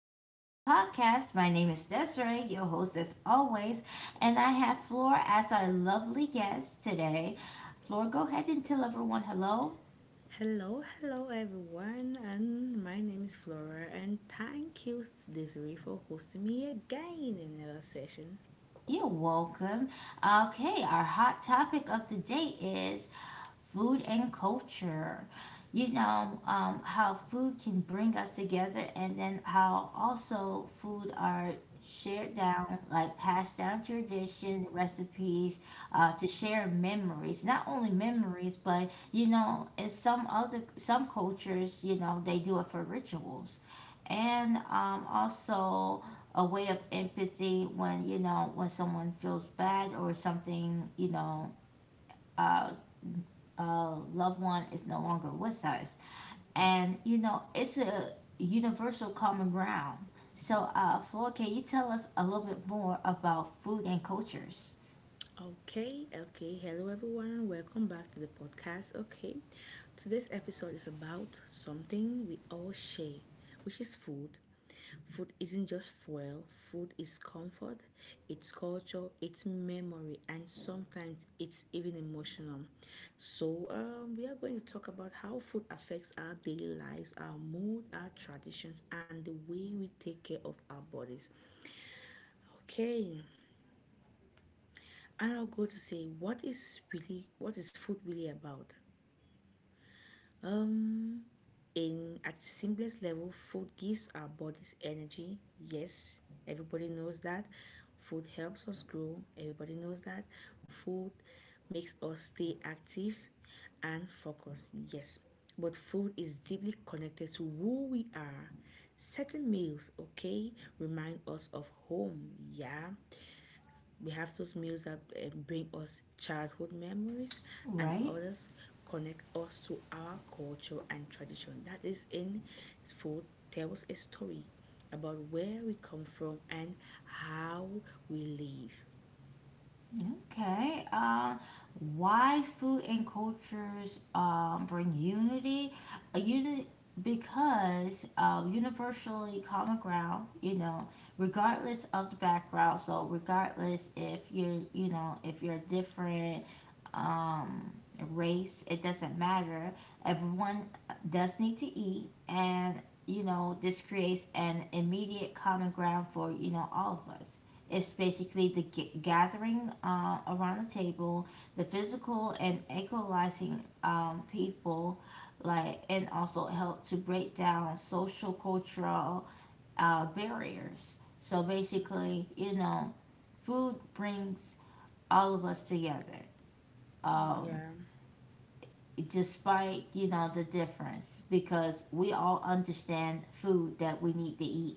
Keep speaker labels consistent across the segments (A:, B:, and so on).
A: Sunshine's podcast. My name is Desiree, your host as always, and I have Flor as our lovely guest today. Flor, go ahead and tell everyone hello.
B: Hello, hello everyone, and my name is Flora, and thank you Desiree for hosting me again in another session.
A: You're welcome. Okay, our hot topic of the day is food and culture. How food can bring us together, and then how also food are shared down, like passed down tradition, recipes to share memories. Not only memories, but in some cultures, they do it for rituals, and also a way of empathy when when someone feels bad or something, uh, loved one is no longer with us. And, you know, it's a universal common ground. So, Flora, can you tell us a little bit more about food and cultures?
B: Okay, okay, hello everyone, and welcome back to the podcast. Okay, today's episode is about something we all share, which is food. Food isn't just fuel, food is comfort, it's culture, it's memory, and sometimes it's even emotional. So, we are going to talk about how food affects our daily lives, our mood, our traditions, and the way we take care of our bodies. Okay, and I'll go to say what is food really about? Um, in at the simplest level, food gives our bodies energy. Yes, everybody knows that. Food helps us grow, everybody knows that. Food makes us stay active and focused, yes. But food is deeply connected to who we are. Certain meals, okay, remind us of home, yeah. We have those meals that bring us childhood memories, and
A: Right?
B: others connect us to our culture and tradition. That is in food, tells a story about where we come from and how we live.
A: Okay. Why food and cultures bring unity? A unit because universally common ground. You know, regardless of the background. So regardless if you're, you know, if you're a different um, race, it doesn't matter. Everyone does need to eat, and you know, this creates an immediate common ground for, you know, all of us. It's basically the gathering around the table, the physical and equalizing people, like, and also help to break down social cultural barriers. So basically, you know, food brings all of us together. Um,
B: Yeah,
A: Despite you know the difference, because we all understand food that we need to eat.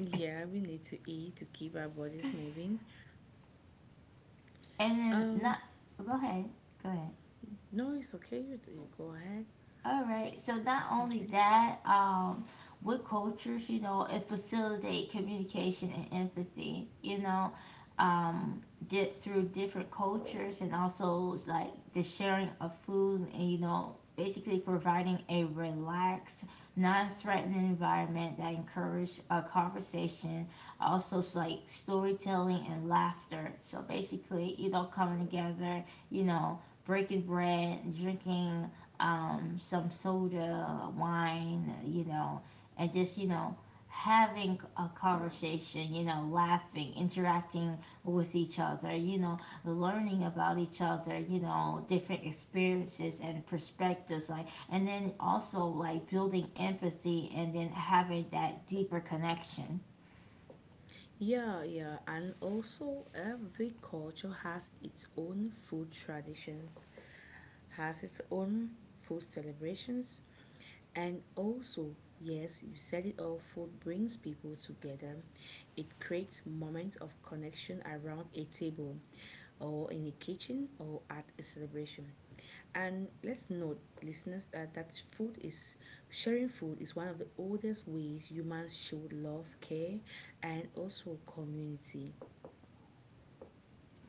B: yeah, we need to eat to keep our bodies moving.
A: And then not,
B: Um,
A: go ahead, go ahead.
B: no, it's okay. You go ahead.
A: All right. So not only
B: Okay.
A: that, with cultures, you know, it facilitate communication and empathy. You know, um, through different cultures and also like the sharing of food and you know, basically providing a relaxed, non-threatening environment that encourage a conversation, also like storytelling and laughter. So basically, you know, coming together, you know, breaking bread, drinking some soda, wine, you know, and just, you know, having a conversation, you know, laughing, interacting with each other, you know, learning about each other, you know, different experiences and perspectives, like, and then also like building empathy and then having that deeper connection.
B: Yeah, yeah, and also every culture has its own food traditions, has its own food celebrations, and also, yes, you said it all. Food brings people together, it creates moments of connection around a table or in a kitchen or at a celebration. And let's note, listeners, that food is, sharing food is one of the oldest ways humans showed love, care, and also community.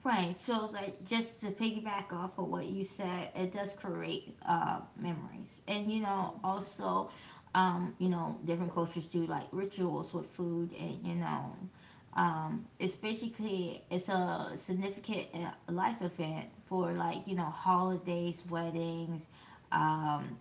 A: Right. So, like, just to piggyback off of what you said, it does create memories, and you know,
B: Yeah,
A: also, you know, different cultures do like rituals with food, and you know, it's basically it's a significant life event for like you know holidays, weddings, um,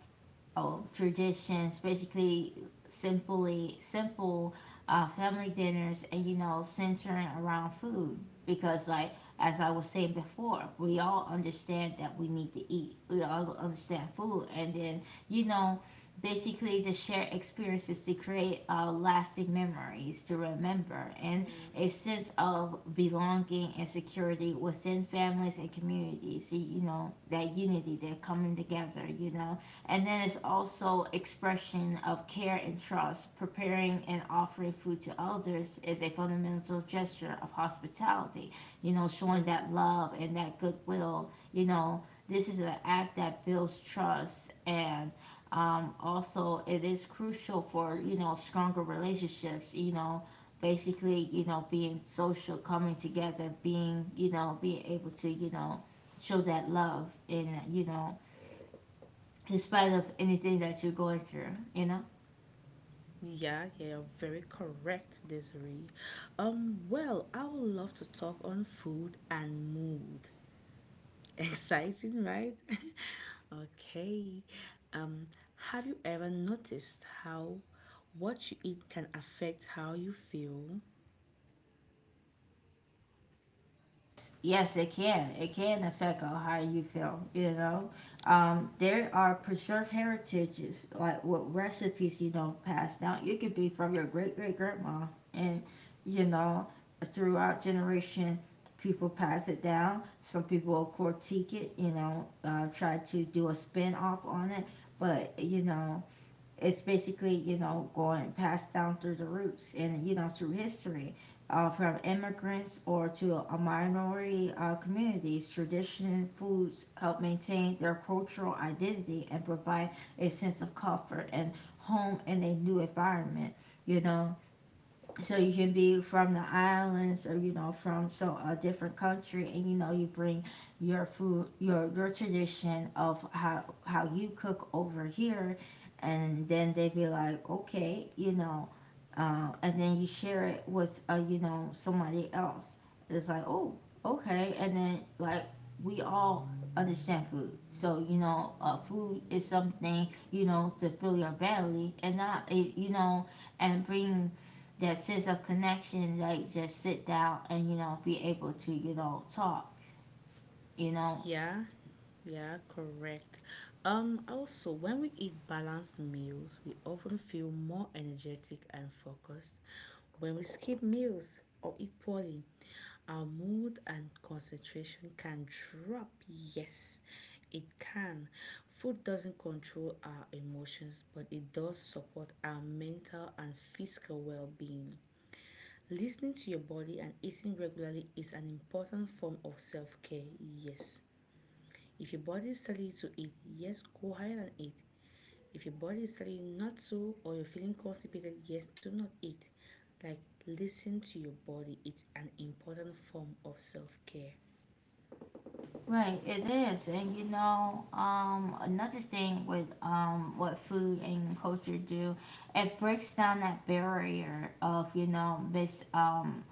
A: oh, traditions, basically simply simple family dinners, and you know centering around food, because like, as I was saying before, we all understand that we need to eat. We all understand food, and then you know basically to share experiences, to create lasting memories, to remember, and
B: yeah,
A: a sense of belonging and security within families and communities. You know that unity, that coming together, you know. And then it's also expression of care and trust. Preparing and offering food to others is a fundamental gesture of hospitality. You know, showing
B: yeah.
A: that love and that goodwill. You know, this is an act that builds trust and also it is crucial for you know stronger relationships. You know, basically you know being social, coming together, being you know being able to you know show that love and you know in spite of anything that you're going through, you know?
B: Yeah, yeah, you're very correct, Desiree. Well, I would love to talk on food and mood. Exciting, right? Okay. Um, have you ever noticed how what you eat can affect how you feel?
A: Yes, it can. It can affect on how you feel, you know? There are preserved heritages, like what recipes you don't pass down. You could be from your great great grandma, and, you know, throughout generation, people pass it down. Some people will critique it, you know, try to do a spin off on it, but, you know, it's basically you know going passed down through the roots and you know through history, from immigrants or to a minority communities tradition foods help maintain their cultural identity and provide a sense of comfort and home in a new environment, you know. So you can be from the islands or you know from so a different country, and you know you bring your food, your tradition of how you cook over here, and then they be like okay you know, and then you share it with you know somebody else. It's like oh, okay, and then like we all understand food, so you know food is something you know to fill your belly and not it you know, and bring that sense of connection, like just sit down and you know be able to you know talk, you know.
B: Yeah, yeah, correct. Also, when we eat balanced meals, we often feel more energetic and focused. When we skip meals or eat poorly, our mood and concentration can drop. Yes, it can. Food doesn't control our emotions, but it does support our mental and physical well being. Listening to your body and eating regularly is an important form of self care. Yes. If your body is telling you to eat, yes, go ahead and eat. If your body is telling you not to or you're feeling constipated, yes, do not eat. Like, listen to your body. It's an important form of self care.
A: Right, it is. And you know, another thing with what food and culture do, it breaks down that barrier of, you know, mis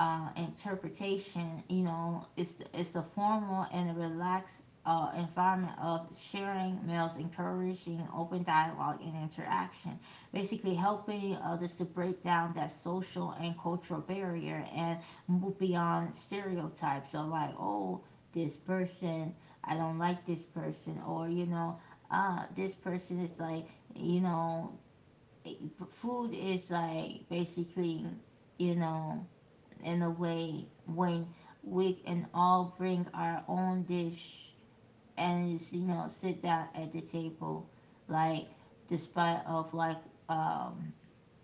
A: interpretation. You know, it's a formal and a relaxed environment of sharing meals, encouraging open dialogue and interaction, basically helping others to break down that social and cultural barrier and move beyond stereotypes of like, oh, this person. I don't like this person, or you know, this person is like, you know, food is like basically, you know, in a way, when we can all bring our own dish and just, you know sit down at the table, like despite of like um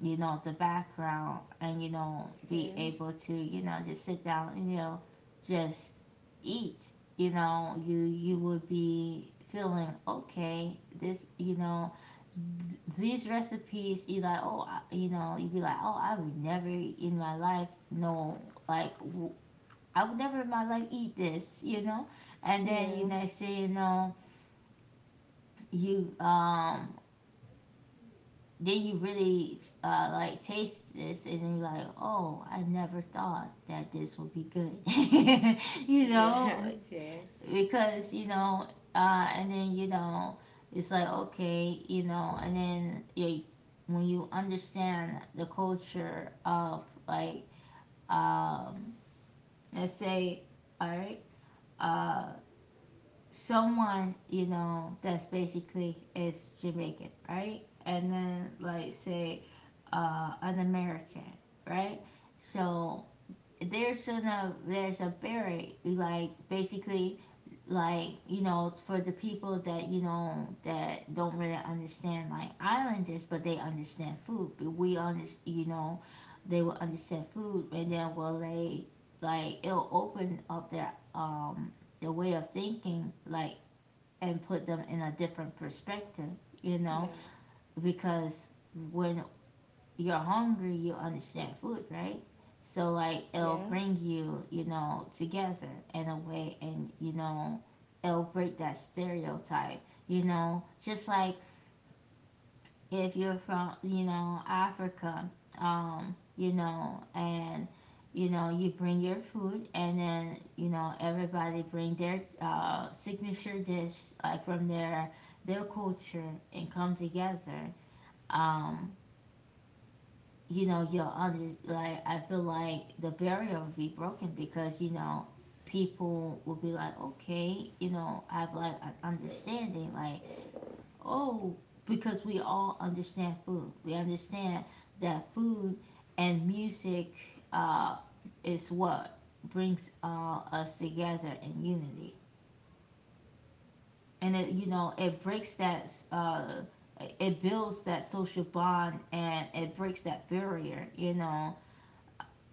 A: you know, the background and, you know, be
B: Yes.
A: able to, you know, just sit down and, you know, just eat. You know, you would be feeling okay. This, you know, these recipes, you like, oh, you know, you'd be like, oh, I would never in my life know, like, I would never in my life eat this, you know. And then you
B: Yeah.
A: next thing you know, you then you really like taste this and then you're like, oh, I never thought that this would be good. You know,
B: Yes. Yes.
A: because you know and then you know it's like okay you know, and then you, when you understand the culture of like um, let's say, all right, uh, someone you know that's basically is Jamaican, right? And then like say an American, right? So there's a barrier, like basically like you know it's for the people that you know that don't really understand like islanders, but they understand food, but we understand you know they will understand food, and then will they like it'll open up their way of thinking, like, and put them in a different perspective, you know,
B: Yeah.
A: because when you're hungry, you understand food, right? So like
B: Yeah.
A: it'll bring you, you know, together in a way, and you know, it'll break that stereotype, you know, just like if you're from, you know, Africa, you know, and you know, you bring your food, and then, you know, everybody bring their signature dish like from their culture and come together. Um, you know, you're under like I feel like the barrier will be broken, because you know people will be like, okay, you know, I have like an understanding, like oh, because we all understand food. We understand that food and music uh, is what brings us together in unity, and it you know it breaks that. It builds that social bond and it breaks that barrier, you know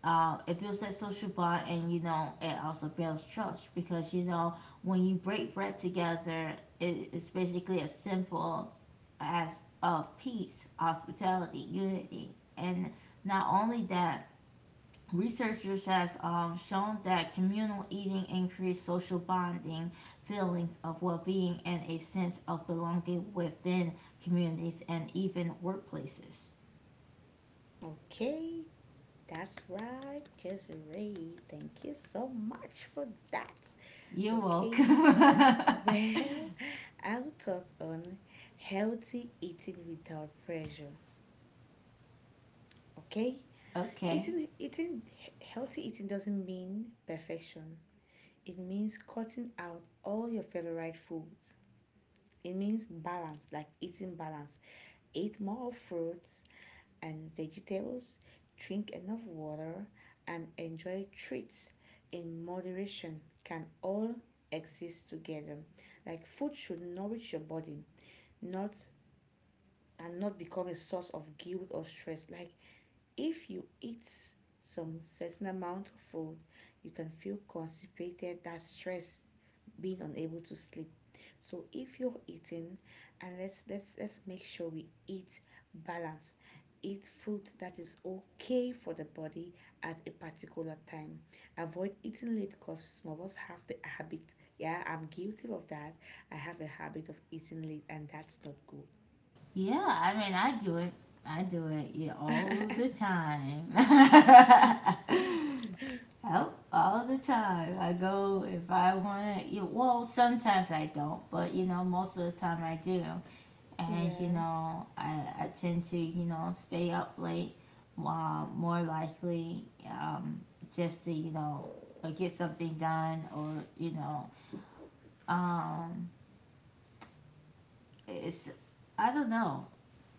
A: it builds that social bond and you know it also builds trust, because you know when you break bread together, it's basically a simple as of peace, hospitality, unity. And not only that, researchers has shown that communal eating increased social bonding, feelings of well-being, and a sense of belonging within communities and even workplaces.
B: Okay. That's right, Desiree. Thank you so much for that.
A: You're
B: Okay.
A: welcome.
B: Well, I'll talk on healthy eating without pressure. Okay?
A: Okay.
B: Eating eating healthy eating doesn't mean perfection. It means cutting out all your favorite foods. It means balance, like eating balance. Eat more of fruits and vegetables, drink enough water, and enjoy treats in moderation can all exist together. Like food should nourish your body, not and not become a source of guilt or stress. Like if you eat some certain amount of food, you can feel constipated, that stress, being unable to sleep. So if you're eating, and let's make sure we eat balance. Eat food that is okay for the body at a particular time. Avoid eating late, because some of us have the habit. Yeah, I'm guilty of that. I have a habit of eating late, and that's not good.
A: Yeah, I mean, I do it. I do it, yeah, all the time. All the time. I go if I want to. Well, sometimes I don't, but you know, most of the time I do. And you
B: Yeah.
A: know, I tend to you know stay up late, more likely, just to you know get something done, or you know, um, it's I don't know.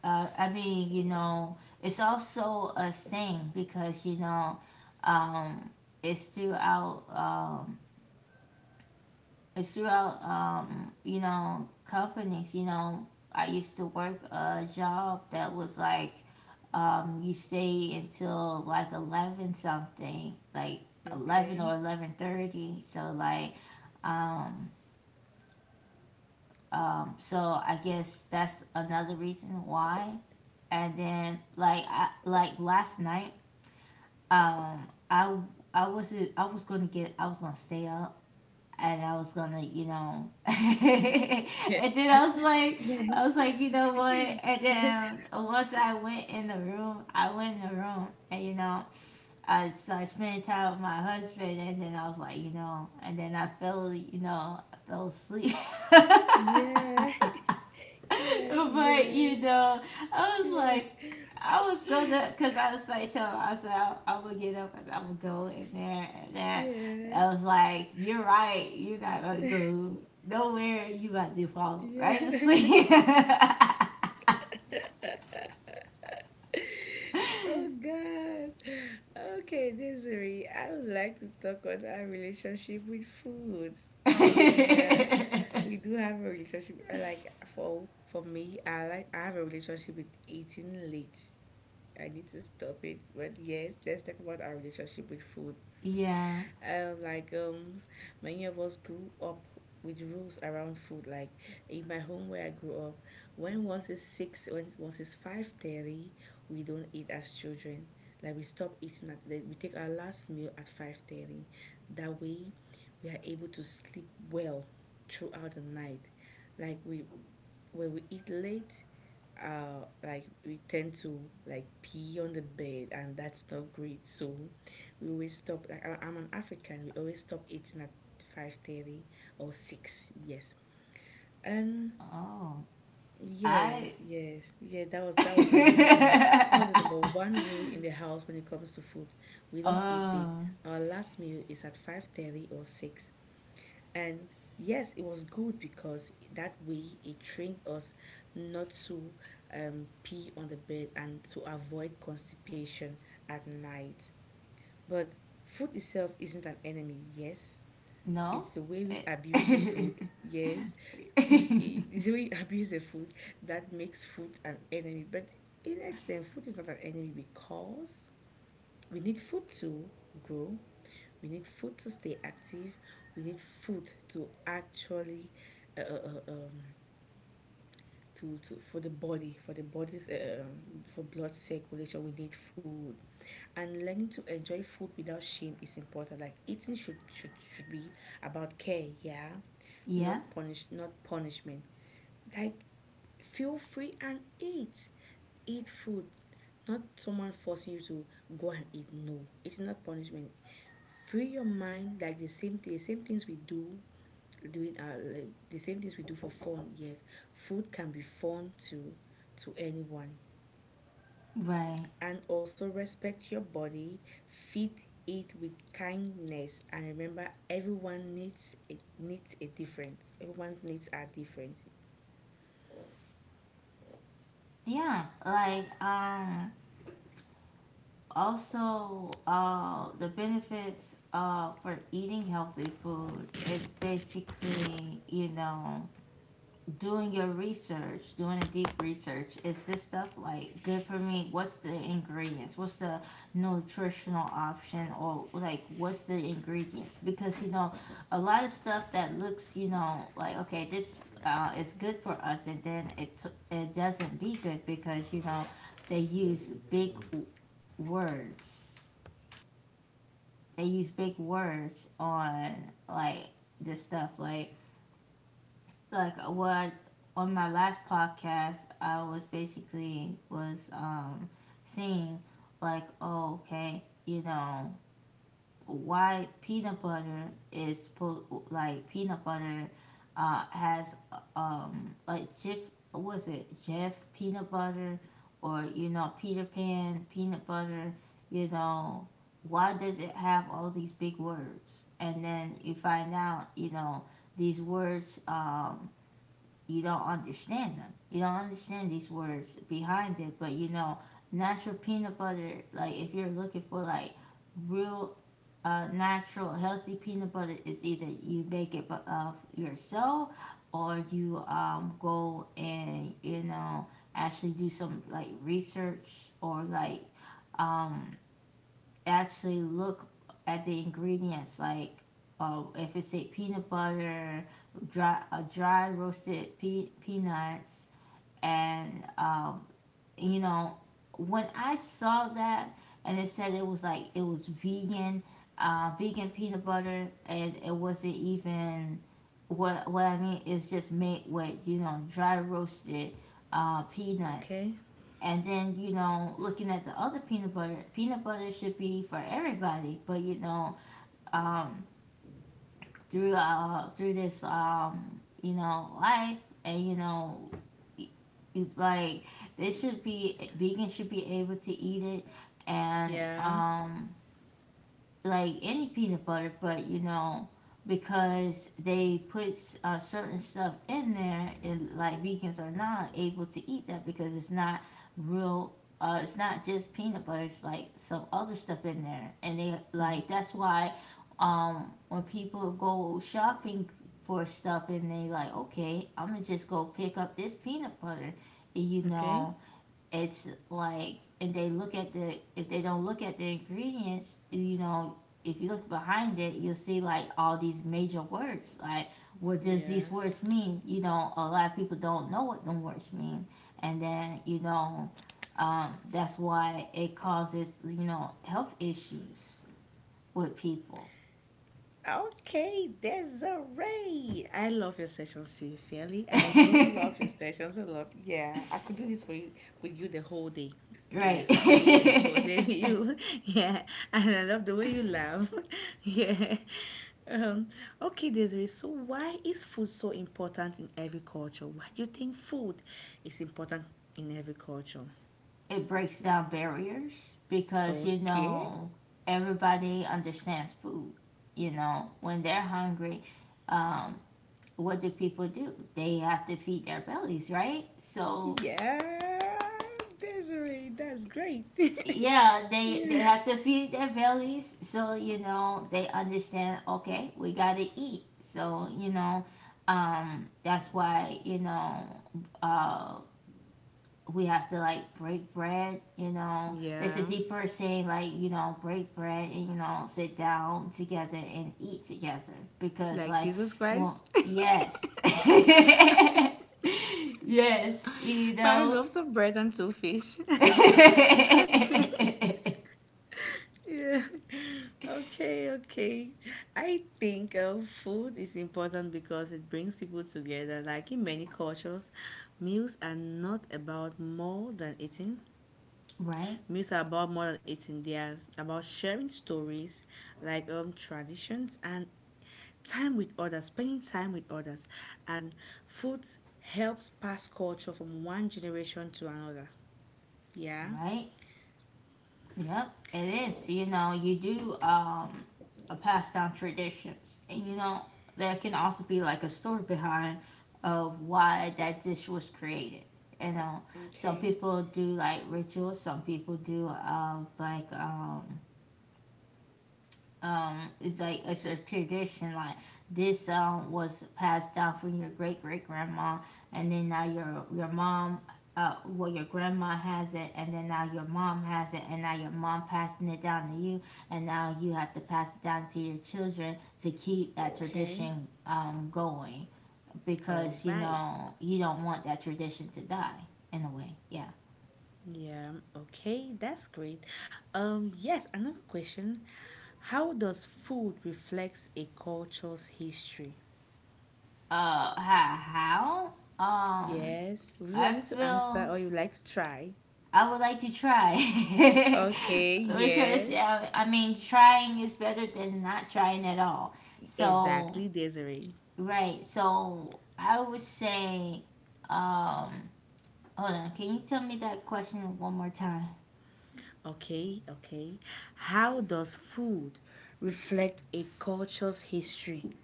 A: I mean, you know, it's also a thing because you know, um, it's throughout, um, it's throughout, you know, companies. You know, I used to work a job that was like, you stay until like 11 something, like eleven
B: Okay.
A: or eleven thirty. So like, um, so I guess that's another reason why. And then, like, like last night, um i I wasn't I was gonna stay up, and I was gonna, and
B: Yeah.
A: then
B: Yeah,
A: I was like, you know what? And then once I went in the room, and I started spending time with my husband, and then I was like, and then I fell asleep.
B: yeah, yes,
A: But
B: yes,
A: I was
B: yeah,
A: like, I was gonna, 'cause I was like telling him, I'm said, I gonna get up and I'm gonna go in there. And then
B: yeah,
A: I was like, "You're right. You're not gonna go nowhere. You about to fall right to
B: yeah.
A: sleep."
B: Oh God. Okay, Desiree, I would like to talk on our relationship with food. No, yeah, we do have a relationship. Like for me, I have a relationship with eating late. I need to stop it. But yes, let's talk about our relationship with food.
A: Yeah.
B: Uh, like um, Many of us grew up with rules around food. Like in my home where I grew up, when once it's 5:30, we don't eat as children. Like we stop eating at we take our last meal at 5:30. That way, we are able to sleep well throughout the night. Like we when we eat late, like we tend to like pee on the bed, and that's not great. So we always stop, like, I'm an African, we always stop eating at 5:30 or 6. Yes. um
A: Oh, I.
B: yes, yes, yeah, that was the rule number, that was the number one rule in the house when it comes to food. We don't eat it,
A: Oh,
B: our last meal is at 5:30 or 6. And yes, it was good because that way it trained us not to pee on the bed and to avoid constipation at night. But food itself isn't an enemy, yes.
A: no.
B: It's the way we abuse the food, yes. It's the way we abuse the food that makes food an enemy. But in extent, food is not an enemy because we need food to grow, we need food to stay active. We need food to actually uh, uh, uh, um, to for the body, for the body's for blood circulation. We need food, and learning to enjoy food without shame is important. Like eating should be about care, yeah,
A: Yeah.
B: not punish not punishment. Like, feel free and eat. Eat food. Not someone forcing you to go and eat. No, it's not punishment. Free your mind, like the same things we do the same things we do for fun. Yes, food can be fun to anyone.
A: Right.
B: And also respect your body. Feed it with kindness. And remember, everyone needs a difference. Everyone's needs are different.
A: Yeah, like, Also, uh, the benefits, uh, for eating healthy food is basically, doing your research, doing a deep research. Is this stuff, like, good for me? What's the ingredients? What's the nutritional option, or, like, what's the ingredients? Because a lot of stuff that looks, like, okay, this, is good for us, and then it doesn't be good, because they use big w- words they use big words on, like, this stuff. Like what. On my last podcast I was basically was seeing, like, oh, okay, why peanut butter is supposed, like, peanut butter, has, um, like Jeff, was it Jeff peanut butter or, Peter Pan peanut butter? you know why does it have all these big words? And then you find out, these words, um, you don't understand them, you don't understand these words behind it. But natural peanut butter, like, if you're looking for, like, real, natural, healthy peanut butter, is either you make it yourself, or you, go and actually do some, like, research, or, like, um, actually look at the ingredients. Like, if it's a peanut butter, dry roasted peanuts, and, you know, when I saw that and it said it was, like, it was vegan, vegan peanut butter, and it wasn't even, what I mean is just made with, dry roasted, peanuts.
B: Okay.
A: And then, looking at the other peanut butter should be for everybody, but um, through this, um, life, and it- it's like, they should be, vegans should be able to eat it, and,
B: Yeah.
A: um, like, any peanut butter. But because they put, certain stuff in there, and, like, vegans are not able to eat that because it's not real. It's not just peanut butter, it's, like, some other stuff in there, and they,
B: Hmm.
A: like, that's why, when people go shopping for stuff and they, like, okay, I'm gonna just go pick up this peanut butter, and
B: Okay.
A: it's like, if they look at the if they don't look at the ingredients. If you look behind it, you'll see, like, all these major words. Like, what does these
B: Yeah.
A: words mean? A lot of people don't know what the words mean. And then, that's why it causes, health issues with people.
B: Okay, Desiree. I love your sessions, sincerely. I do love your sessions a lot. Yeah, I could do this for you, with you the whole day.
A: Right.
B: Yeah, I could do it the whole day with you. Yeah, and I love the way you laugh. Yeah. Um, okay, Desiree. So, why is food so important in every culture? Why do you think food is important in every culture?
A: It breaks down barriers, because
B: Okay.
A: everybody understands food. When they're hungry, um, what do people do? They have to feed their bellies, right? So,
B: Yeah, Desiree, that's great.
A: yeah, they
B: Yeah.
A: have to feed their bellies. So they understand, okay, we gotta eat. So that's why, uh, we have to, like, break bread. There's a
B: Yeah,
A: deeper saying, like, break bread and, sit down together and eat together, because,
B: like
A: like,
B: Jesus
A: well,
B: Christ.
A: yes. Yes,
B: Five loaves of bread and two fish. Okay. Yeah. Okay, okay. I think food is important because it brings people together. Like in many cultures, meals are not about more than eating.
A: Right?
B: Meals are about more than eating. They are about sharing stories, like traditions, and time with others, spending time with others, and food helps pass culture from one generation to another. Yeah.
A: Right? Yep, it is. You do, um, a pass down traditions. And there can also be, like, a story behind of why that dish was created. You know, some
B: Okay.
A: people do, like, rituals, some people do, like, um, it's like it's a tradition, like, this song was passed down from your great great grandma, and then now your mom, uh, well, your grandma has it, and then now your mom has it, and now your mom passing it down to you, and now you have to pass it down to your children to keep that
B: Okay.
A: tradition, um, going,
B: All
A: because
B: right.
A: you don't want that tradition to die, in a way. Yeah.
B: Yeah. Okay. That's great. Yes. Another question. How does food reflect a culture's history?
A: Uh, how? Um,
B: Yes. Would you like
A: I
B: me to answer,
A: feel,
B: or you like to try?
A: I would like to try.
B: Okay,
A: Because,
B: yes.
A: I mean, trying is better than not trying at all. So,
B: Exactly, Desiree.
A: right, so I would say, um, hold on, can you tell me that question one more time?
B: Okay, okay. How does food reflect a culture's history?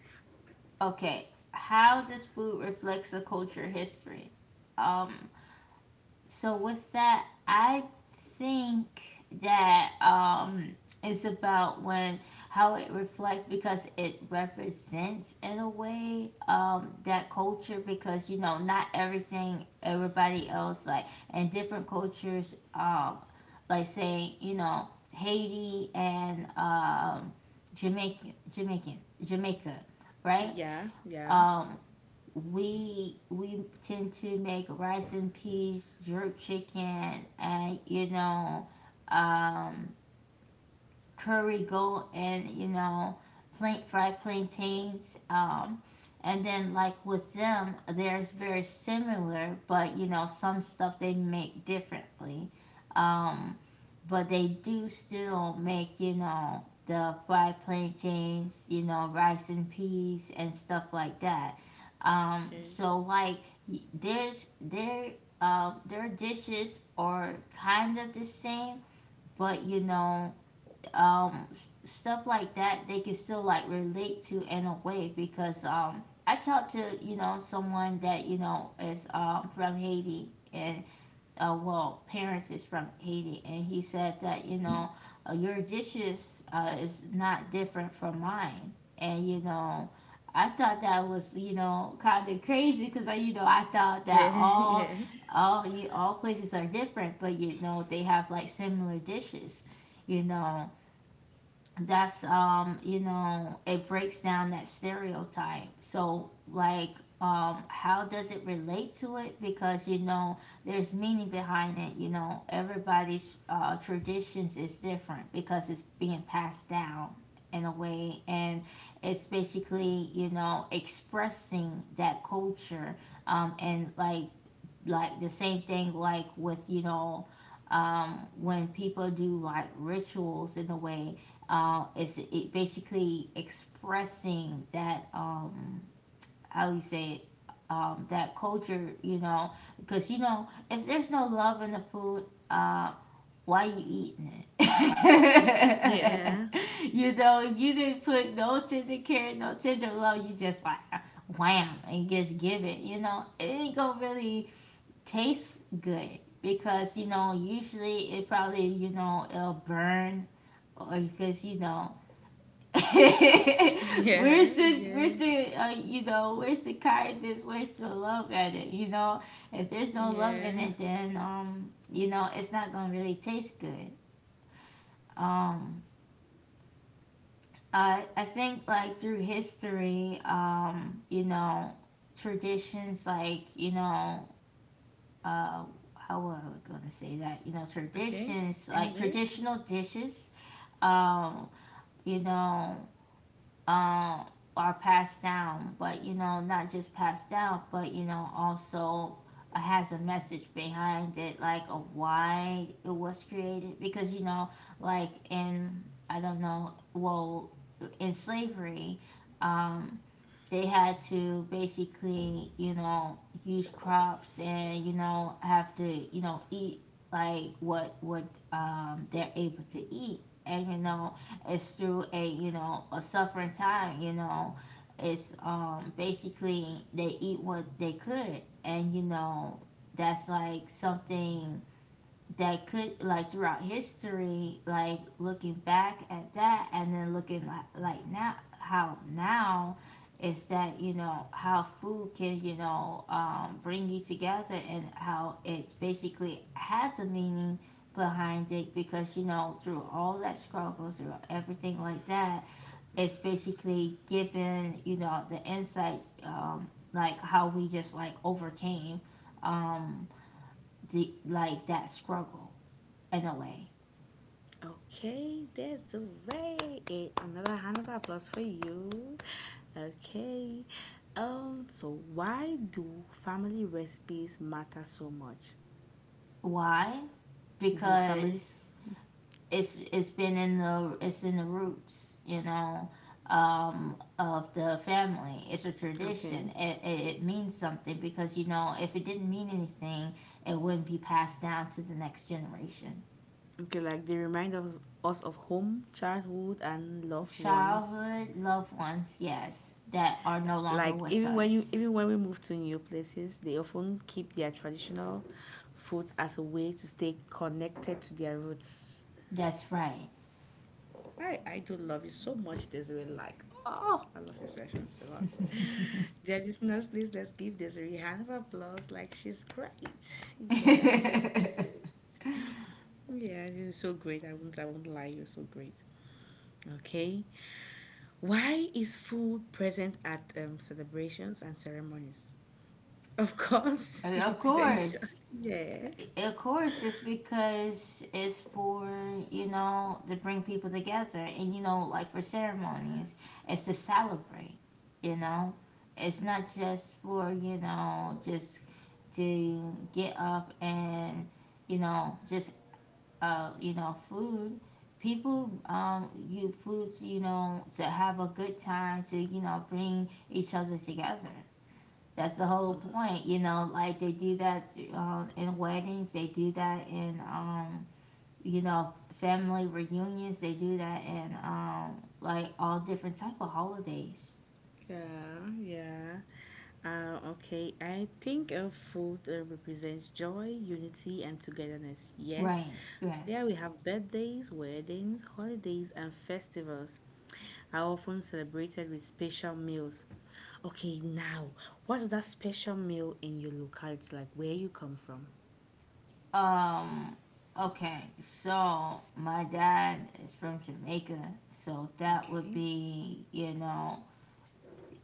A: Okay. How does food reflects a culture history? Um, so with that, I think that, um, it's about when, how it reflects, because it represents, in a way, um, that culture, because not everything everybody else, like, in different cultures, um, like, say, Haiti and, um, Jamaica, right?
B: Yeah, yeah.
A: Um, we tend to make rice and peas, jerk chicken, and, um, curry goat, and, plain fried plantains. And then, like, with them, there's very similar, but some stuff they make differently. Um, but they do still make, the fried plantains, rice and peas, and stuff like that.
B: Okay.
A: So, like, y- there's there, um, their dishes are kind of the same, but um, stuff like that they can still, like, relate to in a way, because, um, I talked to, someone that is, um, from Haiti, and, well, parents is from Haiti, and he said that, your dishes, is not different from mine, and I thought that was, kind of crazy, because, I thought
B: Yeah,
A: that
B: yeah,
A: all places are different, but they have, like, similar dishes, you know, that's, um, it breaks down that stereotype. So, like, um, how does it relate to it? Because there's meaning behind it. Everybody's, uh, traditions is different, because it's being passed down, in a way. And it's basically, expressing that culture, um, and, like, the same thing, like, with, when people do, like, rituals, in a way, it's, it basically expressing that, how you say it, that culture, because if there's no love in the food, uh, why you eating it?
B: yeah,
A: If you didn't put no tender care, no tender love, you just, like, wham and just give it, it ain't gonna really tastes good, because usually it probably, it'll burn. Or because
B: yeah, yeah,
A: where's the, where's the kindness, where's the love at it? If there's no love in
B: yeah.
A: it, then, um, it's not gonna really taste good. Um, I think, like, through history, um, traditions, like, uh, how was I gonna say that?
B: Okay.
A: Traditions, like
B: Anyway,
A: traditional dishes, um, you know, um, are passed down, but not just passed down, but also, has a message behind it, like a why it was created. Because, like, in, I don't know, well, in slavery, um, they had to basically, use crops, and have to, eat, like, what, they're able to eat, and it's through a, a suffering time, it's, um, basically they eat what they could, and that's, like, something that could, like, throughout history, like, looking back at that and then looking, like, now, how now, is that, how food can, bring you together, and how it's basically has a meaning behind it, because through all that struggle, through everything like that, it's basically given, the insight, like, how we just, like, overcame, um, the, like, that struggle, in a way.
B: okay, that's a way. Another hand of applause for you. Okay. So why do family recipes matter so much?
A: Why?
B: The family.
A: Because it's in the roots, of the family. It's a
B: Okay.
A: tradition. It means something, because if it didn't mean anything, it wouldn't be passed down to the next generation.
B: Okay, like they remind us of home, childhood, and loved ones.
A: Childhood, loved ones, yes, that are no longer
B: Like
A: with us.
B: even when we move to new places, they often keep their traditional food as a way to stay connected to their roots.
A: That's right.
B: I do love you so much, Desiree. Like, oh, I love your sessions a lot. Dear listeners, please let's give Desiree a hand of applause. Like, she's great. Yeah, she's great. Yeah, you're so great. I won't lie, you're so great. Okay. Why is food present at celebrations and ceremonies? Of course, it
A: Of
B: represents joy.
A: course.
B: Yes.
A: Of course, it's because it's for, to bring people together, and, like, for ceremonies, it's to celebrate, you know? It's not just for, just to get up and, just, food. People, you food, to have a good time, to, bring each other together. That's the whole
B: Oh.
A: point, Like, they do that, in weddings, they do that in, you know family reunions, they do that in, like, all different type of holidays.
B: Yeah, yeah. Okay, I think food represents joy, unity, and togetherness. Yes.
A: Right.
B: There,
A: Yes.
B: we have birthdays, weddings, holidays, and festivals are often celebrated with special meals. Okay, now, what's that special meal in your locality, like where you come from?
A: Um. Okay. So my dad is from Jamaica, so that would
B: Okay.
A: be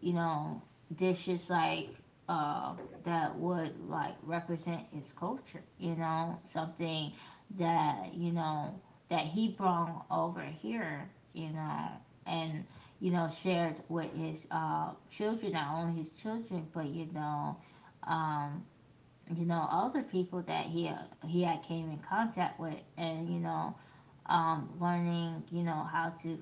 A: you know, dishes like uh, that would like represent his culture, you know, something that, that he brought over here, and, shared with his children, not only his children, but, um, other people that he had came in contact with and, learning, you know, how to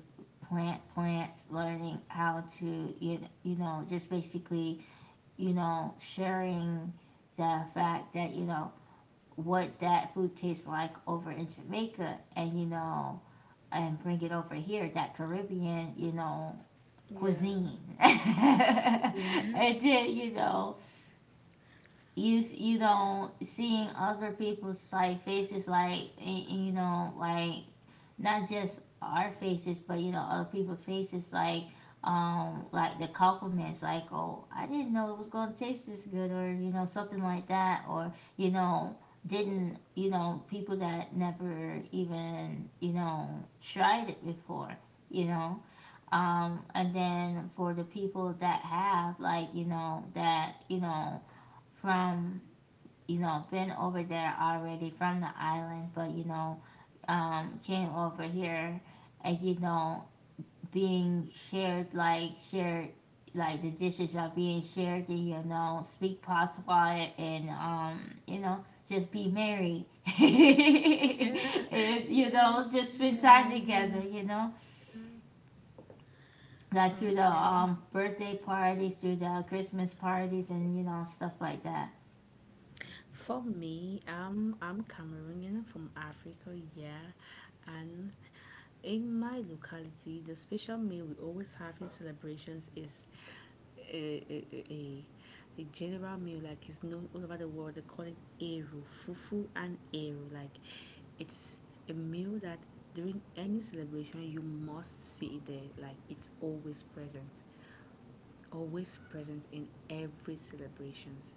A: plant plants, learning how to, you know, just basically, you know, sharing the fact that, you know, what that food tastes like over in Jamaica and, you know, and bring it over here, that Caribbean, you know,
B: Yeah.
A: cuisine. And
B: Yeah.
A: then, you know, you you
B: Yeah.
A: know seeing other people's like faces like you know, like not just our faces, but you know, other people's faces, like the compliments, like oh, I didn't know it was gonna taste this good, or you know, something like that, or you know, didn't you know, people that never even you know tried it before, you know, and then for the people that have, like you know, that you know from you know, been over there already from the island, but you know, came over here and you know, being shared, like the dishes are being shared and you know, speak Patois and you know, just be merry
B: Yeah.
A: and you
B: Yeah.
A: know, just spend time
B: Yeah. Yeah.
A: together, you know,
B: Yeah.
A: like through the
B: Okay.
A: birthday parties, through the Christmas parties and you know, stuff like that.
B: For me, I'm Cameroonian, I'm from Africa, yeah. And in my locality, the special meal we always have in celebrations is a, a, a, a a general meal, like it's known all over the world. They call it Eru, Fufu and Eru. Like, it's a meal that during any celebration you must see it there, like it's always present, in every celebrations.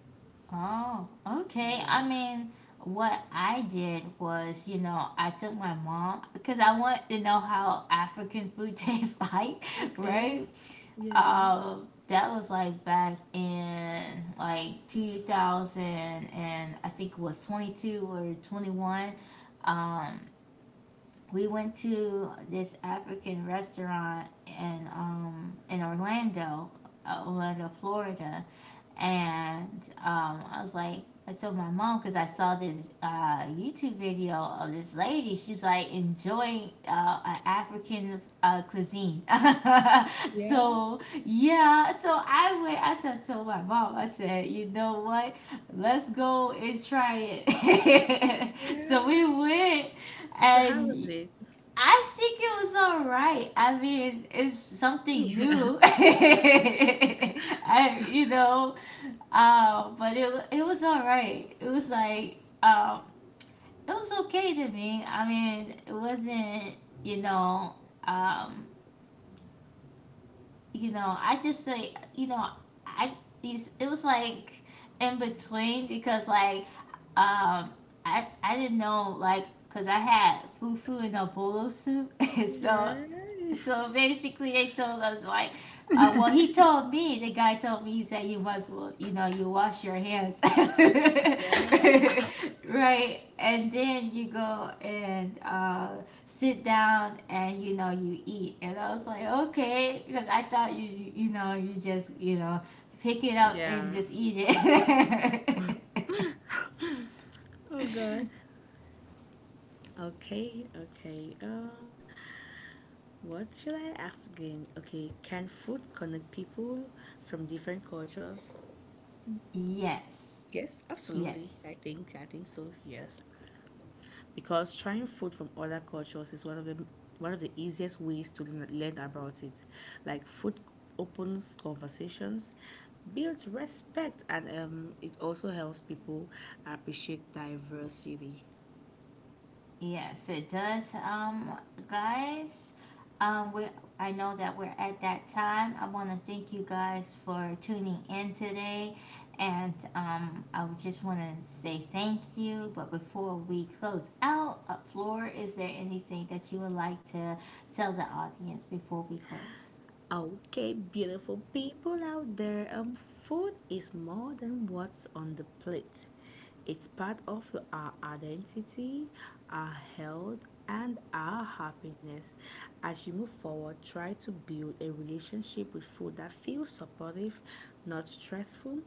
A: Oh, okay.
B: Yeah.
A: I mean, what I did was, you know, I took my mom because I want to know how African food tastes like,
B: Okay.
A: right?
B: Yeah.
A: That was like back in like 2000 and I think it was 22 or 21. Um, we went to this African restaurant in Orlando, Orlando, Florida, and I was like, I told my mom because I saw this YouTube video of this lady. She was like enjoying African cuisine.
B: Yeah.
A: So yeah, so I went. I said, told my mom. I said, you know what? Let's go and try it. So we
B: Yeah.
A: went,
B: So how was
A: and
B: it?
A: I think it was all right. I mean, it's something new. I, you know, but it was all right. It was like um, it was okay to me. I mean, it wasn't you know um, you know, I just say you know I it was like in between because like um, I didn't know like because I had fufu in a bolo soup and so
B: Yeah. Yeah.
A: so basically, they told us like, well, he told me. The guy told me he said you must, well, you know, you wash your hands,
B: Yeah.
A: right? And then you go and sit down and you know you eat. And I was like, okay, because I thought you know, you just, you know, pick it up
B: Yeah.
A: and just eat it.
B: Oh God. Okay. Okay. What should I ask again? Okay. Can food connect people from different cultures?
A: Yes,
B: Yes, absolutely.
A: yes.
B: I think. I think so. Yes. Because trying food from other cultures is one of the easiest ways to learn about it. Like, food opens conversations, builds respect, and it also helps people appreciate diversity.
A: Yes, it does. Guys, we I know that we're at that time. I want to thank you guys for tuning in today, and I would just want to say thank you. But before we close out, Flora, is there anything that you would like to tell the audience before we close?
B: Okay, beautiful people out there, food is more than what's on the plate. It's part of our identity, our health, and our happiness. As you move forward, try to build a relationship with food that feels supportive, not stressful.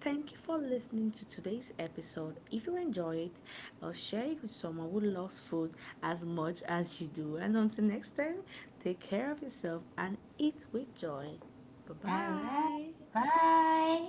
B: Thank you for listening to today's episode. If you enjoyed, share it with someone who loves food as much as you do. And until next time, take care of yourself and eat with joy. Bye
A: All right,
B: bye.
A: bye.